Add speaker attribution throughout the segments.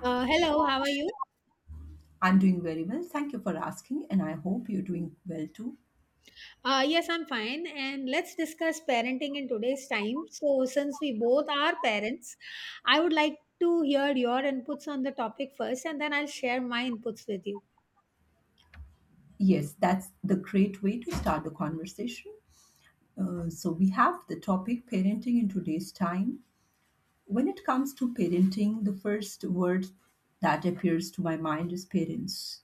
Speaker 1: Hello, how are you?
Speaker 2: I'm doing very well. Thank you for asking, and I hope you're doing well too.
Speaker 1: Yes, I'm fine. And let's discuss parenting in today's time. So, since we both are parents, I would like to hear your inputs on the topic first, and then I'll share my inputs with you.
Speaker 2: Yes, that's the great way to start the conversation. We have the topic parenting in today's time. When it comes to parenting, the first word that appears to my mind is parents.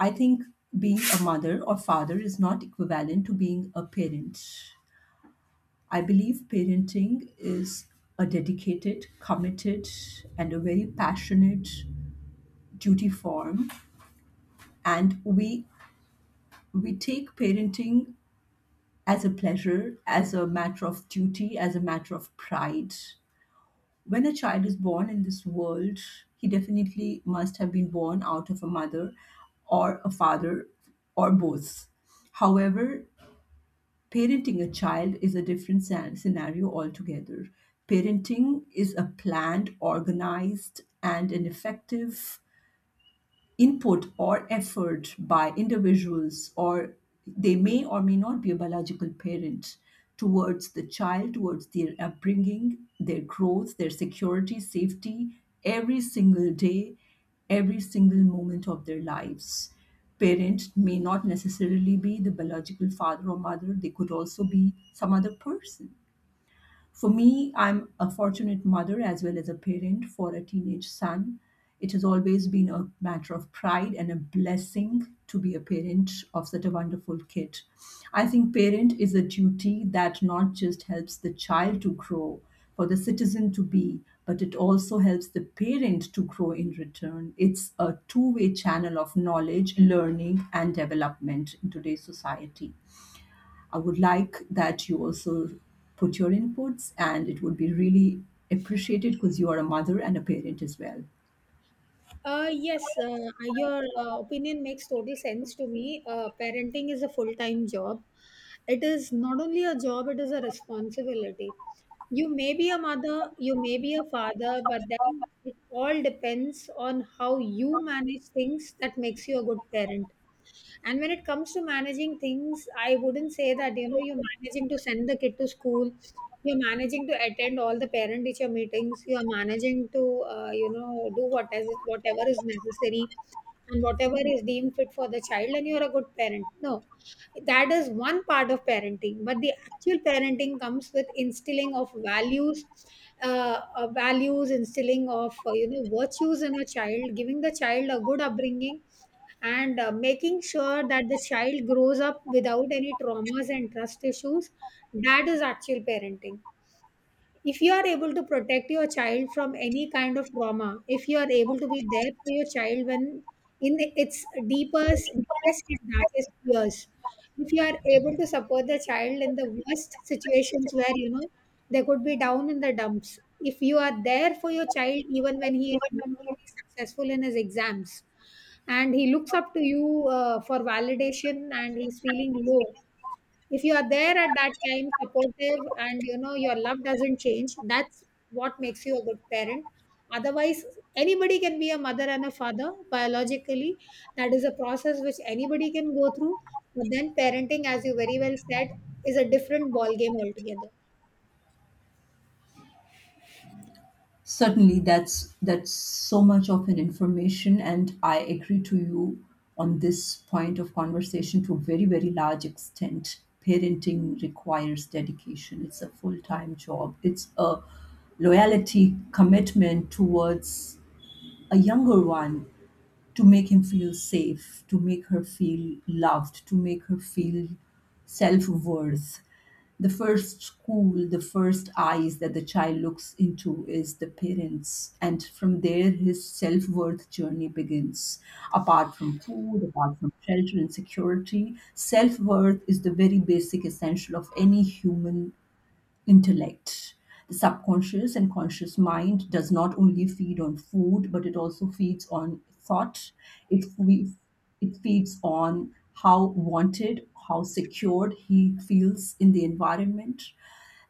Speaker 2: I think being a mother or father is not equivalent to being a parent. I believe parenting is a dedicated, committed, and a very passionate duty form. And we take parenting as a pleasure, as a matter of duty, as a matter of pride. When a child is born in this world, he definitely must have been born out of a mother or a father or both. However, parenting a child is a different scenario altogether. Parenting is a planned, organized, and an effective input or effort by individuals, or they may or may not be a biological parent, towards the child, towards their upbringing, their growth, their security, safety, every single day, every single moment of their lives. Parent may not necessarily be the biological father or mother; they could also be some other person. For me, I'm a fortunate mother as well as a parent for a teenage son. It has always been a matter of pride and a blessing to be a parent of such a wonderful kid. I think parent is a duty that not just helps the child to grow, for the citizen to be, but it also helps the parent to grow in return. It's a two-way channel of knowledge, learning, and development in today's society. I would like that you also put your inputs, and it would be really appreciated because you are a mother and a parent as well.
Speaker 1: Yes, your opinion makes total sense to me. Parenting is a full time job. It is not only a job, it is a responsibility. You may be a mother, you may be a father, but then it all depends on how you manage things that makes you a good parent. And when it comes to managing things, I wouldn't say that you know you're managing to send the kid to school, you're managing to attend all the parent teacher meetings. You are managing to, you know, do what is, whatever is necessary and whatever is deemed fit for the child, and you're a good parent. No, that is one part of parenting, but the actual parenting comes with instilling of values, values, instilling of, you know, virtues in a child, giving the child a good upbringing, and making sure that the child grows up without any traumas and trust issues. That is actual parenting. If you are able to protect your child from any kind of trauma, if you are able to be there for your child when in its deepest and darkest years, if you are able to support the child in the worst situations where you know they could be down in the dumps, if you are there for your child even when he is not very successful in his exams and he looks up to you for validation and he's feeling low, if you are there at that time supportive and you know your love doesn't change, that's what makes you a good parent. Otherwise, anybody can be a mother and a father biologically. That is a process which anybody can go through, but then parenting, as you very well said, is a different ball game altogether.
Speaker 2: Certainly, that's so much of an information, and I agree to you on this point of conversation to a very very large extent. Parenting requires dedication. It's a full time job. It's a loyalty commitment towards a younger one, to make him feel safe, to make her feel loved, to make her feel self worth. The first school, the first eyes that the child looks into is the parents. And from there, his self worth journey begins. Apart from food, apart from shelter and security, self worth is the very basic essential of any human intellect. The subconscious and conscious mind does not only feed on food, but it also feeds on thought. It, fe- it feeds on how wanted, how secured he feels in the environment.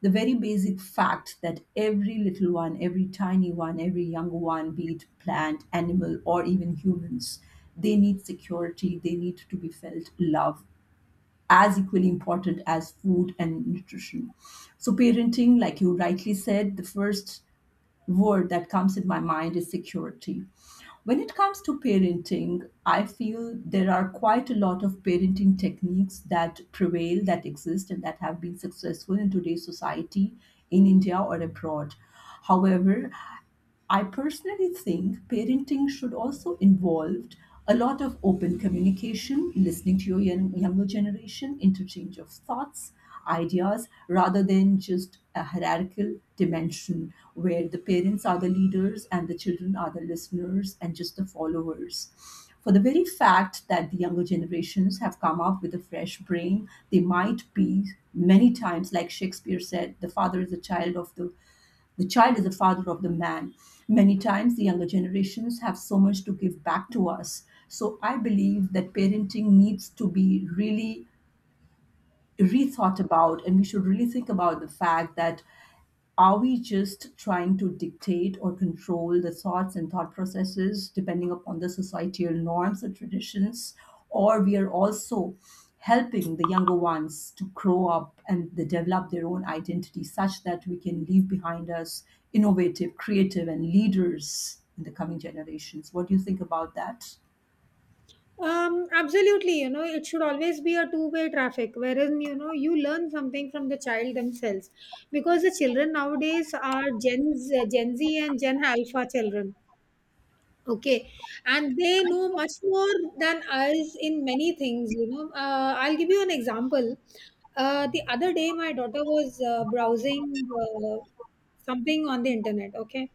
Speaker 2: The very basic fact that every little one, every tiny one, every young one, be it plant, animal, or even humans, they need security, they need to be felt love as equally important as food and nutrition. So, parenting, like you rightly said, the first word that comes in my mind is security. When it comes to parenting, I feel there are quite a lot of parenting techniques that prevail, that exist, and that have been successful in today's society in India or abroad. However, I personally think parenting should also involve a lot of open communication, listening to your young, younger generation, interchange of thoughts, ideas, rather than just a hierarchical dimension where the parents are the leaders and the children are the listeners and just the followers. For the very fact that the younger generations have come up with a fresh brain, they might be, many times, like Shakespeare said, the father is a child of the child is the father of the man. Many times, the younger generations have so much to give back to us. So, I believe that parenting needs to be really rethought about, and we should really think about the fact that are we just trying to dictate or control the thoughts and thought processes depending upon the societal norms and traditions, or we are also helping the younger ones to grow up and they develop their own identity such that we can leave behind us innovative, creative, and leaders in the coming generations. What do you think about that?
Speaker 1: Absolutely, you know, it should always be a two-way traffic wherein you know you learn something from the child themselves because the children nowadays are gen z and gen alpha children. Okay, and they know much more than us in many things, you know. I'll give you an example. The other day, my daughter was browsing uh, something on the internet, okay,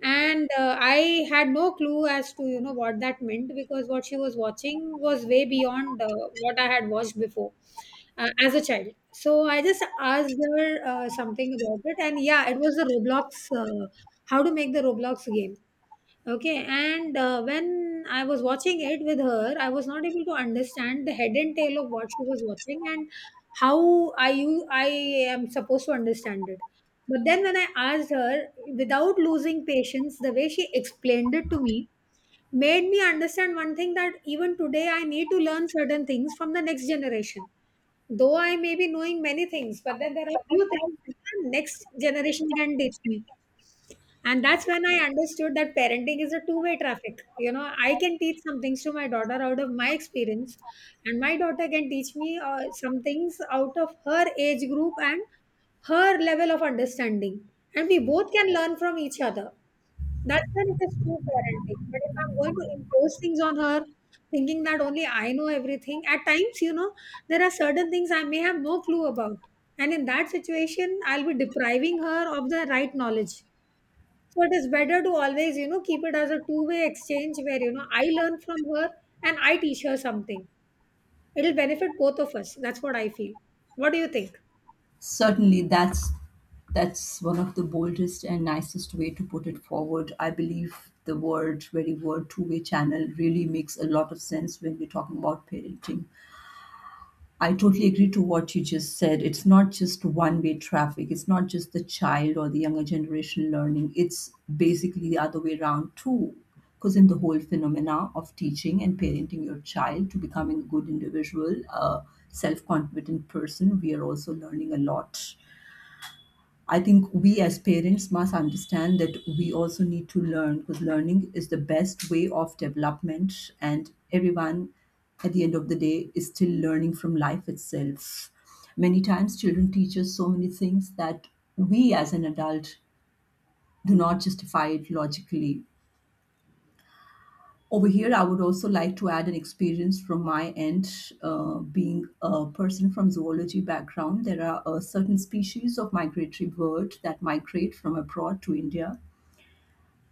Speaker 1: and I had no clue as to you know what that meant because what she was watching was way beyond what I had watched before as a child. So I just asked her something about it, and yeah, it was the Roblox. How to make the Roblox game. Okay, and when I was watching it with her, I was not able to understand the head and tail of what she was watching and how I am supposed to understand it. But then when I asked her, without losing patience, the way she explained it to me made me understand one thing, that even today I need to learn certain things from the next generation. Though I may be knowing many things, but then there are few things that the next generation can teach me, and that's when I understood that parenting is a two-way traffic. You know, I can teach some things to my daughter out of my experience, and my daughter can teach me some things out of her age group and her level of understanding. And we both can learn from each other. That's when it is true parenting. But if I'm going to impose things on her, thinking that only I know everything, at times, you know, there are certain things I may have no clue about. And in that situation, I'll be depriving her of the right knowledge. So it is better to always, you know, keep it as a two-way exchange where, you know, I learn from her and I teach her something. It'll benefit both of us. That's what I feel. What do you think?
Speaker 2: Certainly, that's one of the boldest and nicest way to put it forward. I believe the word, very word, two-way channel really makes a lot of sense when we're talking about parenting. I totally agree to what you just said. It's not just one-way traffic. It's not just the child or the younger generation learning. It's basically the other way around too. Because in the whole phenomena of teaching and parenting your child to becoming a good individual, a self-confident person, we are also learning a lot. I think we as parents must understand that we also need to learn, because learning is the best way of development, and everyone at the end of the day is still learning from life itself. Many times, children teach us so many things that we as an adult do not justify it logically. Over here, I would also like to add an experience from my end. Being a person from zoology background, there are certain species of migratory bird that migrate from abroad to India,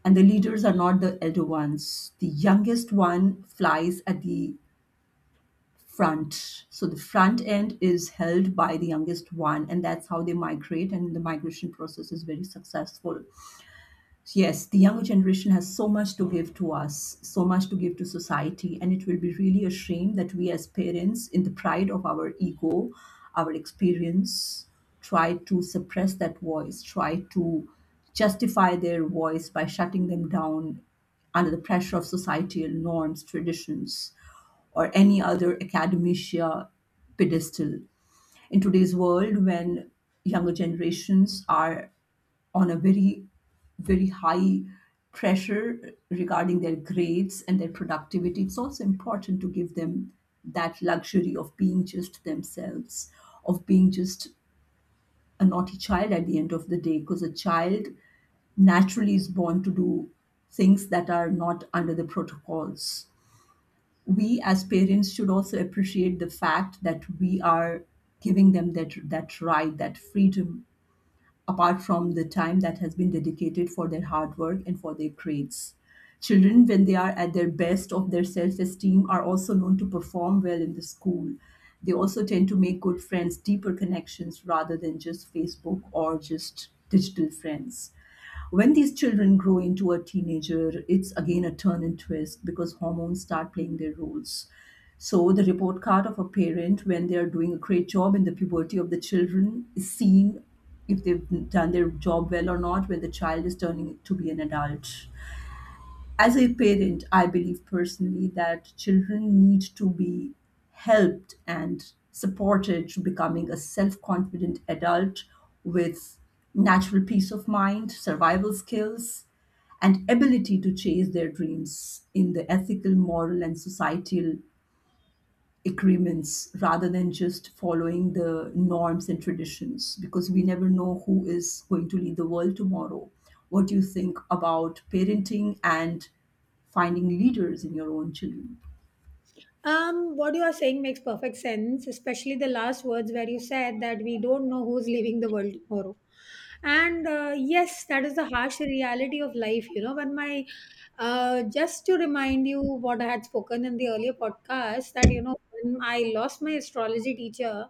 Speaker 2: and the leaders are not the elder ones. The youngest one flies at the front. So the front end is held by the youngest one, and that's how they migrate, and the migration process is very successful. Yes, the younger generation has so much to give to us, so much to give to society, and it will be really a shame that we, as parents, in the pride of our ego, our experience, try to suppress that voice, try to justify their voice by shutting them down under the pressure of societal norms, traditions, or any other academicia pedestal. In today's world, when younger generations are on a very very high pressure regarding their grades and their productivity, it's also important to give them that luxury of being just themselves, of being just a naughty child at the end of the day, because a child naturally is born to do things that are not under the protocols. We as parents should also appreciate the fact that we are giving them that right, that freedom, apart from the time that has been dedicated for their hard work and for their grades. Children, when they are at their best of their self esteem, are also known to perform well in the school. They also tend to make good friends, deeper connections, rather than just Facebook or just digital friends. When these children grow into a teenager, it's again a turn and twist because hormones start playing their roles. So, the report card of a parent when they are doing a great job in the puberty of the children is seen if they've done their job well or not when the child is turning to be an adult. As a parent, I believe personally that children need to be helped and supported to becoming a self confident adult with natural peace of mind, survival skills, and ability to chase their dreams in the ethical, moral, and societal agreements, rather than just following the norms and traditions, because we never know who is going to lead the world tomorrow. What do you think about parenting and finding leaders in your own children?
Speaker 1: What you are saying makes perfect sense, especially the last words where you said that we don't know who's leaving the world tomorrow. And yes, that is the harsh reality of life. You know, when my just to remind you what I had spoken in the earlier podcast, that you know when I lost my astrology teacher,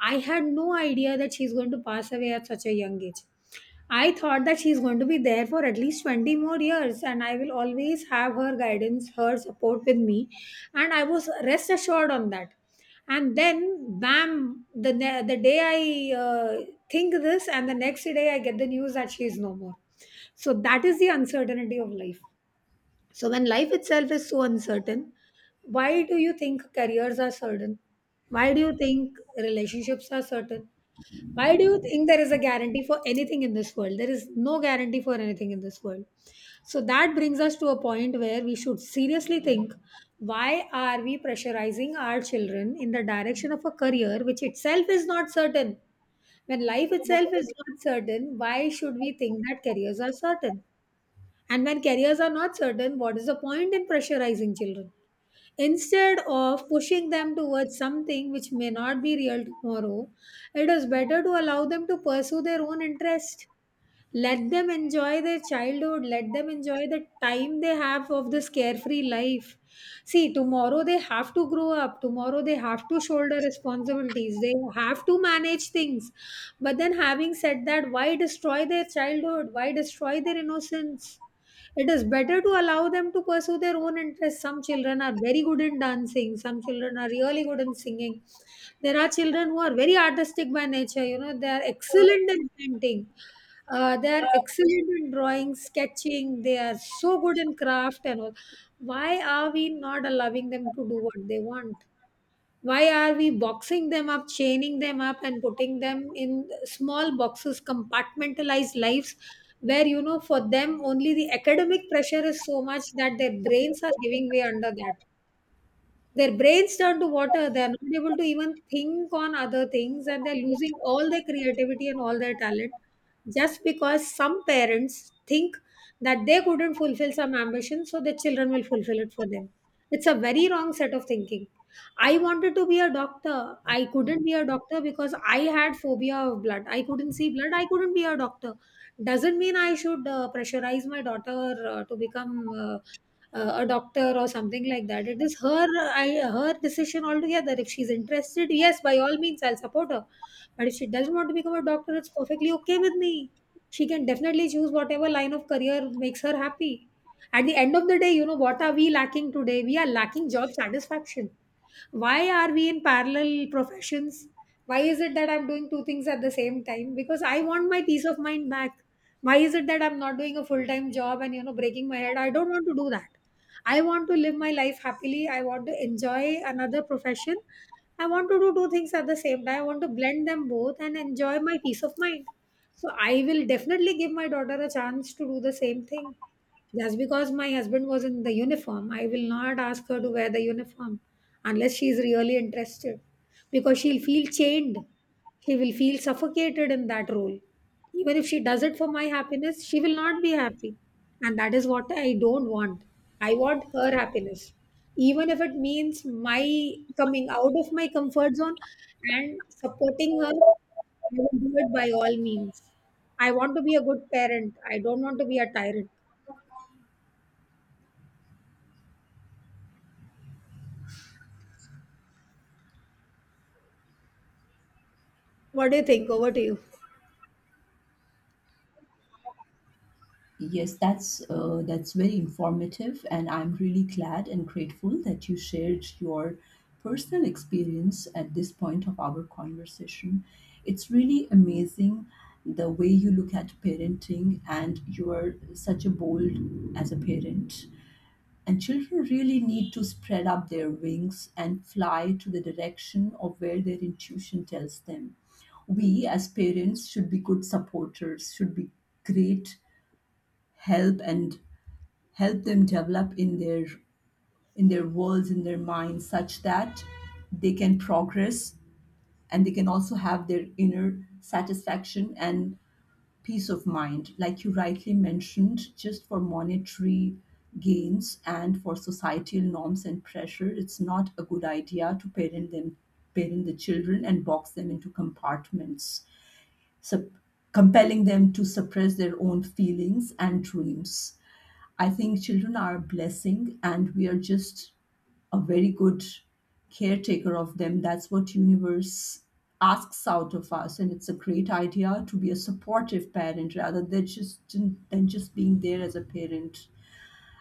Speaker 1: I had no idea that she's going to pass away at such a young age. I thought that she's going to be there for at least 20 more years and I will always have her guidance, her support with me, and I was rest assured on that. And then bam, the day I uh, think this and the next day I get the news that she is no more. So that is the uncertainty of life. So when life itself is so uncertain, why do you think careers are certain? Why do you think relationships are certain? Why do you think there is a guarantee for anything in this world? There is no guarantee for anything in this world. So that brings us to a point where we should seriously think, why are we pressurizing our children in the direction of a career which itself is not certain? When life itself is not certain, why should we think that careers are certain? And when careers are not certain, what is the point in pressurizing children? Instead of pushing them towards something which may not be real tomorrow, it is better to allow them to pursue their own interest. Let them enjoy their childhood, let them enjoy the time they have of this carefree life. See, tomorrow they have to grow up, tomorrow they have to shoulder responsibilities, they have to manage things, but then, having said that, why destroy their childhood? Why destroy their innocence? It is better to allow them to pursue their own interests. Some children are very good in dancing, some children are really good in singing. There are children who are very artistic by nature, you know, they are excellent in painting. They are excellent in drawing, sketching, they are so good in craft and all. Why are we not allowing them to do what they want? Why are we boxing them up, chaining them up, and putting them in small boxes, compartmentalized lives where, you know, for them only the academic pressure is so much that their brains are giving way under that? Their brains turn to water. They are not able to even think on other things, and they're losing all their creativity and all their talent just because some parents think that they couldn't fulfill some ambition, so their children will fulfill it for them. It's a very wrong set of thinking. I wanted to be a doctor. I couldn't be a doctor because I had phobia of blood. I couldn't see blood. I couldn't be a doctor. Doesn't mean I should pressurize my daughter to become a doctor or something like that. It is her, her decision altogether. If she's interested, yes, by all means I'll support her, but if she doesn't want to become a doctor, it's perfectly okay with me. She can definitely choose whatever line of career makes her happy. At the end of the day, you know, what are we lacking today? We are lacking job satisfaction. Why are we in parallel professions? Why is it that I'm doing two things at the same time? Because I want my peace of mind back. Why is it that I'm not doing a full time job and you know breaking my head? I don't want to do that. I want to live my life happily. I want to enjoy another profession. I want to do two things at the same time. I want to blend them both and enjoy my peace of mind. So I will definitely give my daughter a chance to do the same thing. Just because my husband was in the uniform, I will not ask her to wear the uniform unless she is really interested, because she'll feel chained. She will feel suffocated in that role. Even if she does it for my happiness, she will not be happy. And that is what I don't want. I want her happiness. Even if it means my coming out of my comfort zone and supporting her, I will do it by all means. I want to be a good parent. I don't want to be a tyrant. What do you think? Over to you.
Speaker 2: Yes, that's very informative, and I'm really glad and grateful that you shared your personal experience at this point of our conversation. It's really amazing the way you look at parenting, and you are such a bold as a parent. And children really need to spread up their wings and fly to the direction of where their intuition tells them. We as parents should be good supporters, should be great help, and help them develop in their, in their worlds, in their minds, such that they can progress and they can also have their inner satisfaction and peace of mind. Like you rightly mentioned, just for monetary gains and for societal norms and pressure, it's not a good idea to parent them, parent the children and box them into compartments, sup- compelling them to suppress their own feelings and dreams. I think children are a blessing, and we are just a very good caretaker of them. That's what universe asks out of us, and it's a great idea to be a supportive parent rather than just being there as a parent.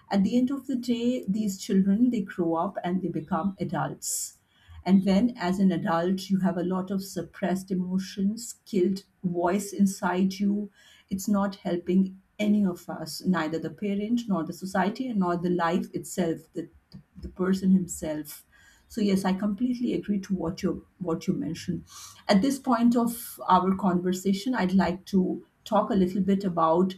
Speaker 2: At the end of the day, these children they grow up and they become adults. And when, as an adult, you have a lot of suppressed emotions, killed voice inside you, it's not helping any of us, neither the parent, nor the society, and nor the life itself, the person himself. So yes, I completely agree to what you mentioned. At this point of our conversation, I'd like to talk a little bit about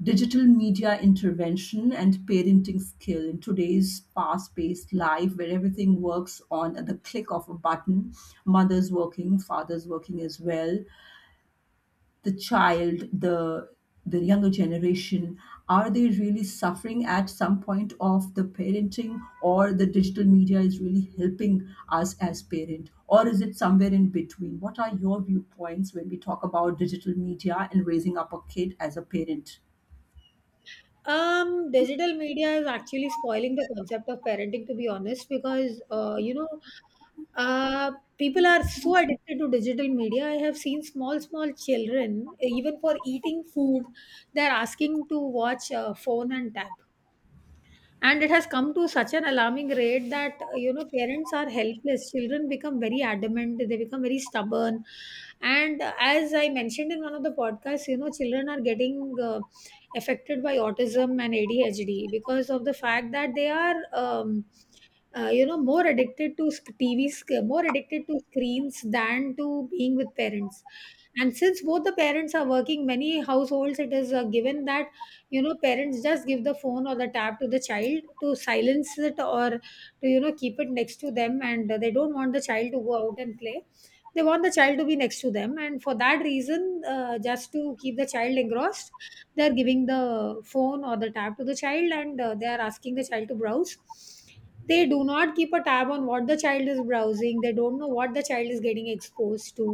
Speaker 2: digital media intervention and parenting skill in today's fast-paced life where everything works on at the click of a button. Mothers working, fathers working as well, the child, the younger generation, are they really suffering at some point of the parenting, or the digital media is really helping us as parent, or is it somewhere in between? What are your viewpoints when we talk about digital media and raising up a kid as a parent?
Speaker 1: Digital media is actually spoiling the concept of parenting, to be honest, because you know, uh, people are so addicted to digital media. I have seen small, small children, even for eating food, they're asking to watch phone and tab. And it has come to such an alarming rate that you know, parents are helpless. Children become very adamant, they become very stubborn. And as I mentioned in one of the podcasts, you know, children are getting affected by autism and ADHD because of the fact that they are you know, more addicted to more addicted to screens than to being with parents. And since both the parents are working many households, it is given that, you know, parents just give the phone or the tab to the child to silence it, or to, you know, keep it next to them, and they don't want the child to go out and play. They want the child to be next to them, and for that reason, just to keep the child engrossed, they are giving the phone or the tab to the child, and they are asking the child to browse. They do not keep a tab on what the child is browsing. They don't know what the child is getting exposed to.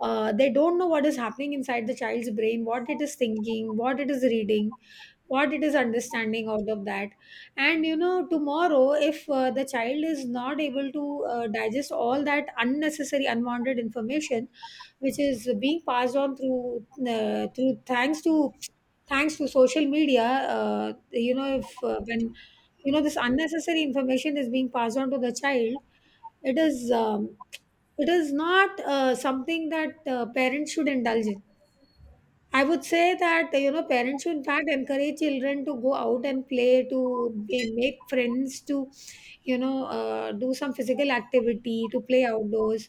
Speaker 1: They don't know what is happening inside the child's brain, what it is thinking, what it is reading, what it is understanding out of that. And you know, tomorrow, if the child is not able to digest all that unnecessary, unwanted information which is being passed on through thanks to thanks to social media. You know, if when, you know, this unnecessary information is being passed on to the child, it is um, it is not something that parents should indulge in. I would say that, you know, parents should in fact encourage children to go out and play, to make friends, to, you know, do some physical activity, to play outdoors,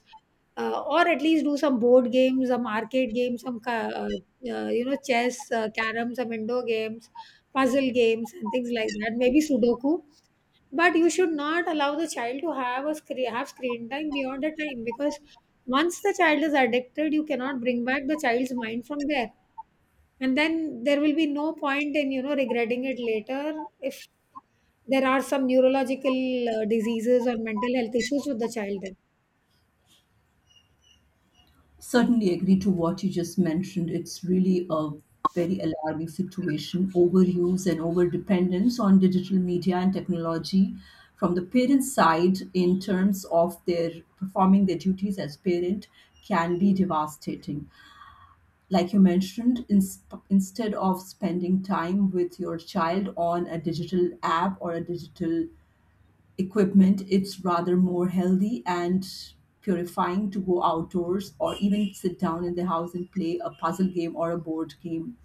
Speaker 1: or at least do some board games, some arcade games, you know, chess, carrom, some indoor games, puzzle games, and things like that, maybe sudoku. But you should not allow the child to have screen time beyond the time, because once the child is addicted, you cannot bring back the child's mind from there. And then there will be no point in, you know, regretting it later if there are some neurological diseases or mental health issues with the child then.
Speaker 2: Certainly agree to what you just mentioned. It's really a very alarming situation. Overuse and over dependence on digital media and technology from the parent side in terms of their performing their duties as parent can be devastating. Like you mentioned, instead of spending time with your child on a digital app or a digital equipment, it's rather more healthy and purifying to go outdoors or even sit down in the house and play a puzzle game or a board game.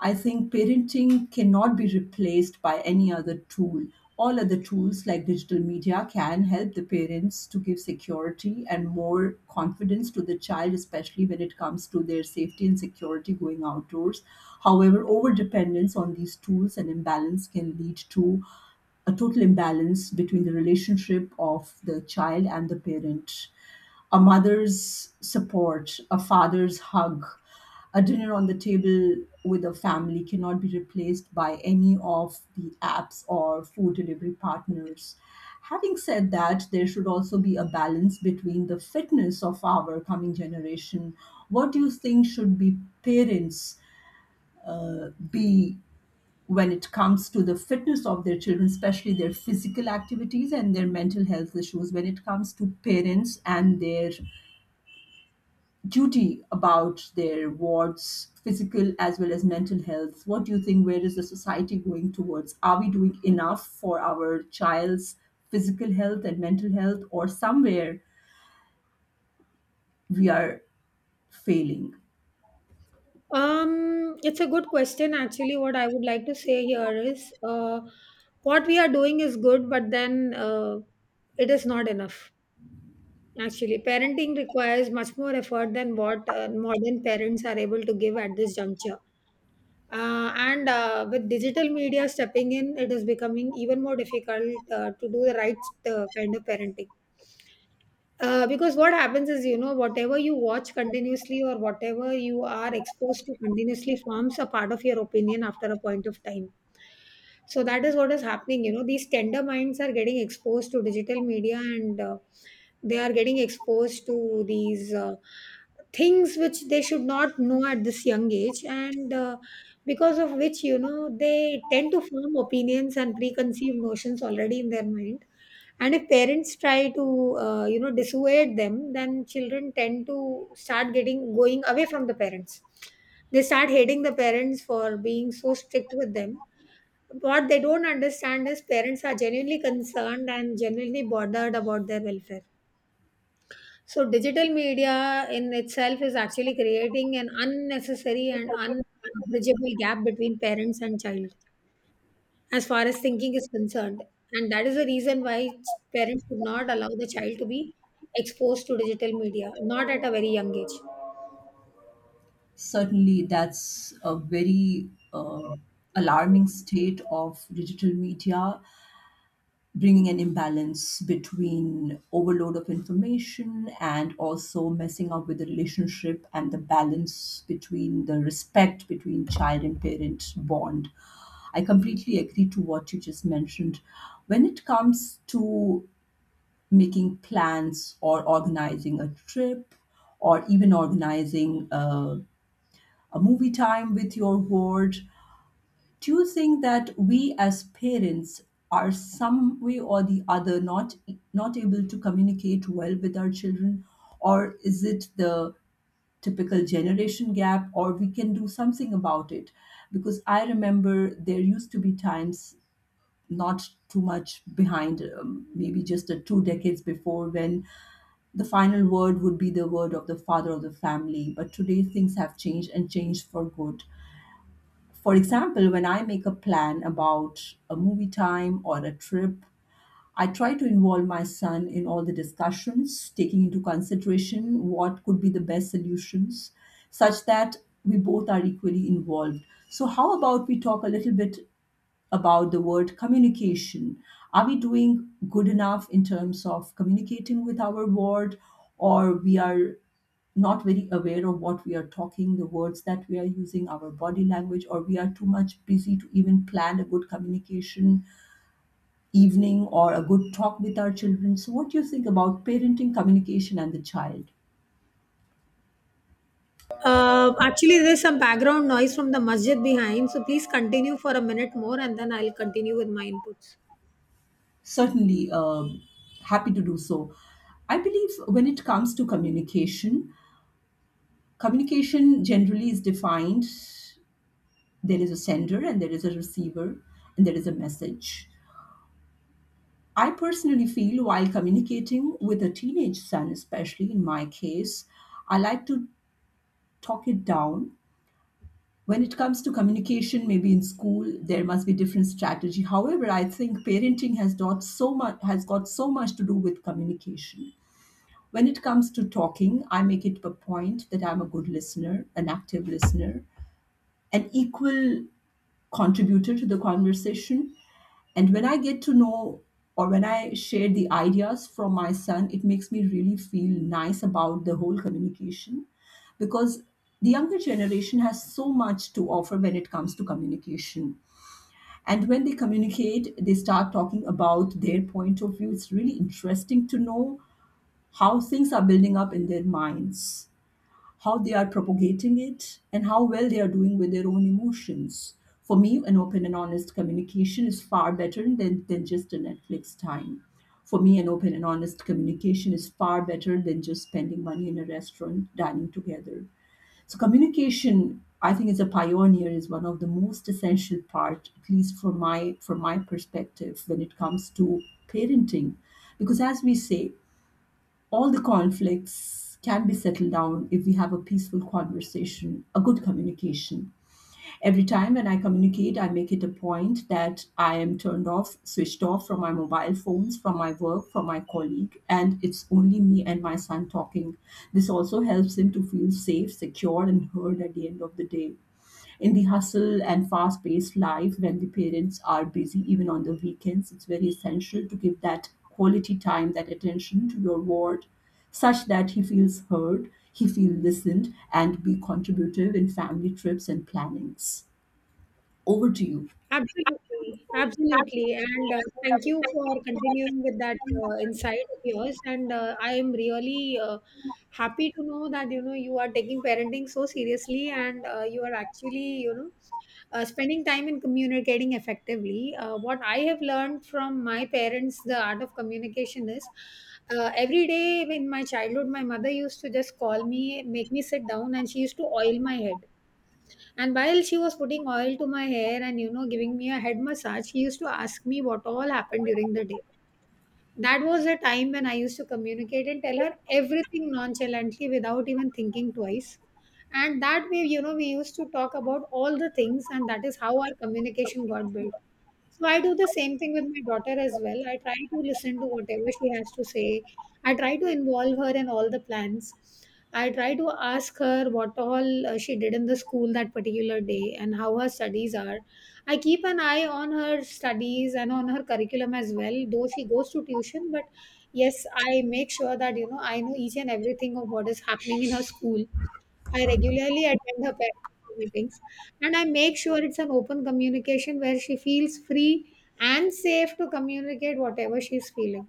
Speaker 2: I think parenting cannot be replaced by any other tool. All other tools like digital media can help the parents to give security and more confidence to the child, especially when it comes to their safety and security going outdoors. However, over dependence on these tools and imbalance can lead to a total imbalance between the relationship of the child and the parent. A mother's support, a father's hug, a dinner on the table with a family cannot be replaced by any of the apps or food delivery partners. Having said that, there should also be a balance between the fitness of our coming generation. What do you think should be parents be when it comes to the fitness of their children, especially their physical activities and their mental health issues, when it comes to parents and their duty about their wards physical as well as mental health? What do you think, where is the society going towards? Are we doing enough for our child's physical health and mental health, or somewhere we are failing?
Speaker 1: It's a good question actually. What I would like to say here is what we are doing is good, but then it is not enough. Actually, parenting requires much more effort than what modern parents are able to give at this juncture. And with digital media stepping in, it is becoming even more difficult to do the right kind of parenting. Because what happens is, you know, whatever you watch continuously or whatever you are exposed to continuously forms a part of your opinion after a point of time. So that is what is happening. You know, these tender minds are getting exposed to digital media, and they are getting exposed to these things which they should not know at this young age. And because of which, you know, they tend to form opinions and preconceived notions already in their mind. And if parents try to you know, dissuade them, then children tend to start getting going away from the parents. They start hating the parents for being so strict with them. What they don't understand is parents are genuinely concerned and genuinely bothered about their welfare. So digital media in itself is actually creating an unnecessary and unbridgeable gap between parents and child as far as thinking is concerned. And that is the reason why parents should not allow the child to be exposed to digital media, not at a very young age.
Speaker 2: Certainly, that's a very alarming state of digital media bringing an imbalance between overload of information and also messing up with the relationship and the balance between the respect between child and parent bond. I completely agree to what you just mentioned. When it comes to making plans or organizing a trip or even organizing a movie time with your ward, do you think that we as parents are some way or the other not not able to communicate well with our children, or is it the typical generation gap, or we can do something about it? Because I remember there used to be times not too much behind, maybe just a two decades before, when the final word would be the word of the father of the family. But today things have changed, and changed for good. For example, when I make a plan about a movie time or a trip, I try to involve my son in all the discussions, taking into consideration what could be the best solutions, such that we both are equally involved. So, how about we talk a little bit about the word communication. Are we doing good enough in terms of communicating with our ward, or we are not very aware of what we are talking, the words that we are using, our body language, or we are too much busy to even plan a good communication evening or a good talk with our children? So, what do you think about parenting, communication, and the child?
Speaker 1: Actually, there's some background noise from the masjid behind, so please continue for a minute more and then I'll continue with my inputs.
Speaker 2: Certainly, happy to do so. I believe when it comes to communication, communication generally is defined, there is a sender and there is a receiver and there is a message. I personally feel while communicating with a teenage son, especially in my case, I like to talk it down. When it comes to communication, maybe in school, there must be different strategy. However, I think parenting has got so much has got so much to do with communication. When it comes to talking, I make it a point that I'm a good listener, an active listener, an equal contributor to the conversation. And when I get to know or when I share the ideas from my son, it makes me really feel nice about the whole communication, because the younger generation has so much to offer when it comes to communication. And when they communicate, they start talking about their point of view. It's really interesting to know how things are building up in their minds, how they are propagating it, and how well they are doing with their own emotions. For me, an open and honest communication is far better than just a Netflix time. For me, an open and honest communication is far better than just spending money in a restaurant dining together. So, communication, I think, as a pioneer, is one of the most essential part, at least from my perspective, when it comes to parenting, because as we say, all the conflicts can be settled down if we have a peaceful conversation, a good communication. Every time when I communicate, I make it a point that I am turned off, switched off from my mobile phones, from my work, from my colleague, and it's only me and my son talking. This also helps him to feel safe, secure, and heard at the end of the day. In the hustle and fast paced life when the parents are busy even on the weekends, it's very essential to give that quality time, that attention to your ward, such that he feels heard, he feels listened, and be contributive in family trips and plannings. Over to you.
Speaker 1: Absolutely, absolutely. And thank you for continuing with that insight of yours. And I am really happy to know that, you know, you are taking parenting so seriously, and you are actually, you know, spending time in communicating effectively. What I have learned from my parents, the art of communication is. Every day in my childhood, my mother used to just call me, make me sit down, and she used to oil my head, and while she was putting oil to my hair and, you know, giving me a head massage, she used to ask me what all happened during the day. That was a time when I used to communicate and tell her everything nonchalantly without even thinking twice. And that way, you know, we used to talk about all the things, and that is how our communication got built. So I do the same thing with my daughter as well. I try to listen to whatever she has to say. I try to involve her in all the plans. I try to ask her what all she did in the school that particular day and how her studies are. I keep an eye on her studies and on her curriculum as well, though she goes to tuition. But yes, I make sure that, you know, I know each and everything of what is happening in her school. I regularly attend her parents' meetings, and I make sure it's an open communication where she feels free and safe to communicate whatever she's feeling.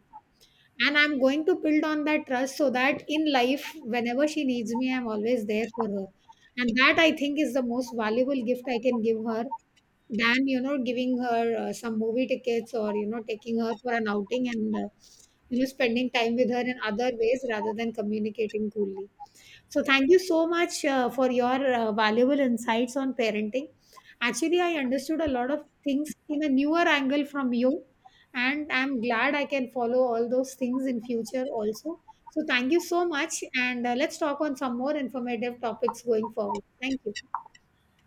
Speaker 1: And I'm going to build on that trust so that in life, whenever she needs me, I'm always there for her. And that, I think, is the most valuable gift I can give her, than, you know, giving her some movie tickets or, you know, taking her for an outing and, you know, spending time with her in other ways rather than communicating coolly. So thank you so much for your valuable insights on parenting. Actually, I understood a lot of things in a newer angle from you, and I'm glad I can follow all those things in future also. So thank you so much, and let's talk on some more informative topics going forward. Thank you.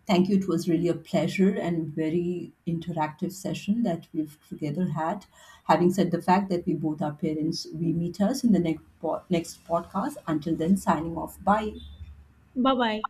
Speaker 2: Thank you, it was really a pleasure and very interactive session that we've together had. Having said the fact that we both are parents, we meet us in the next next podcast. Until then, signing off, bye.
Speaker 1: Bye bye.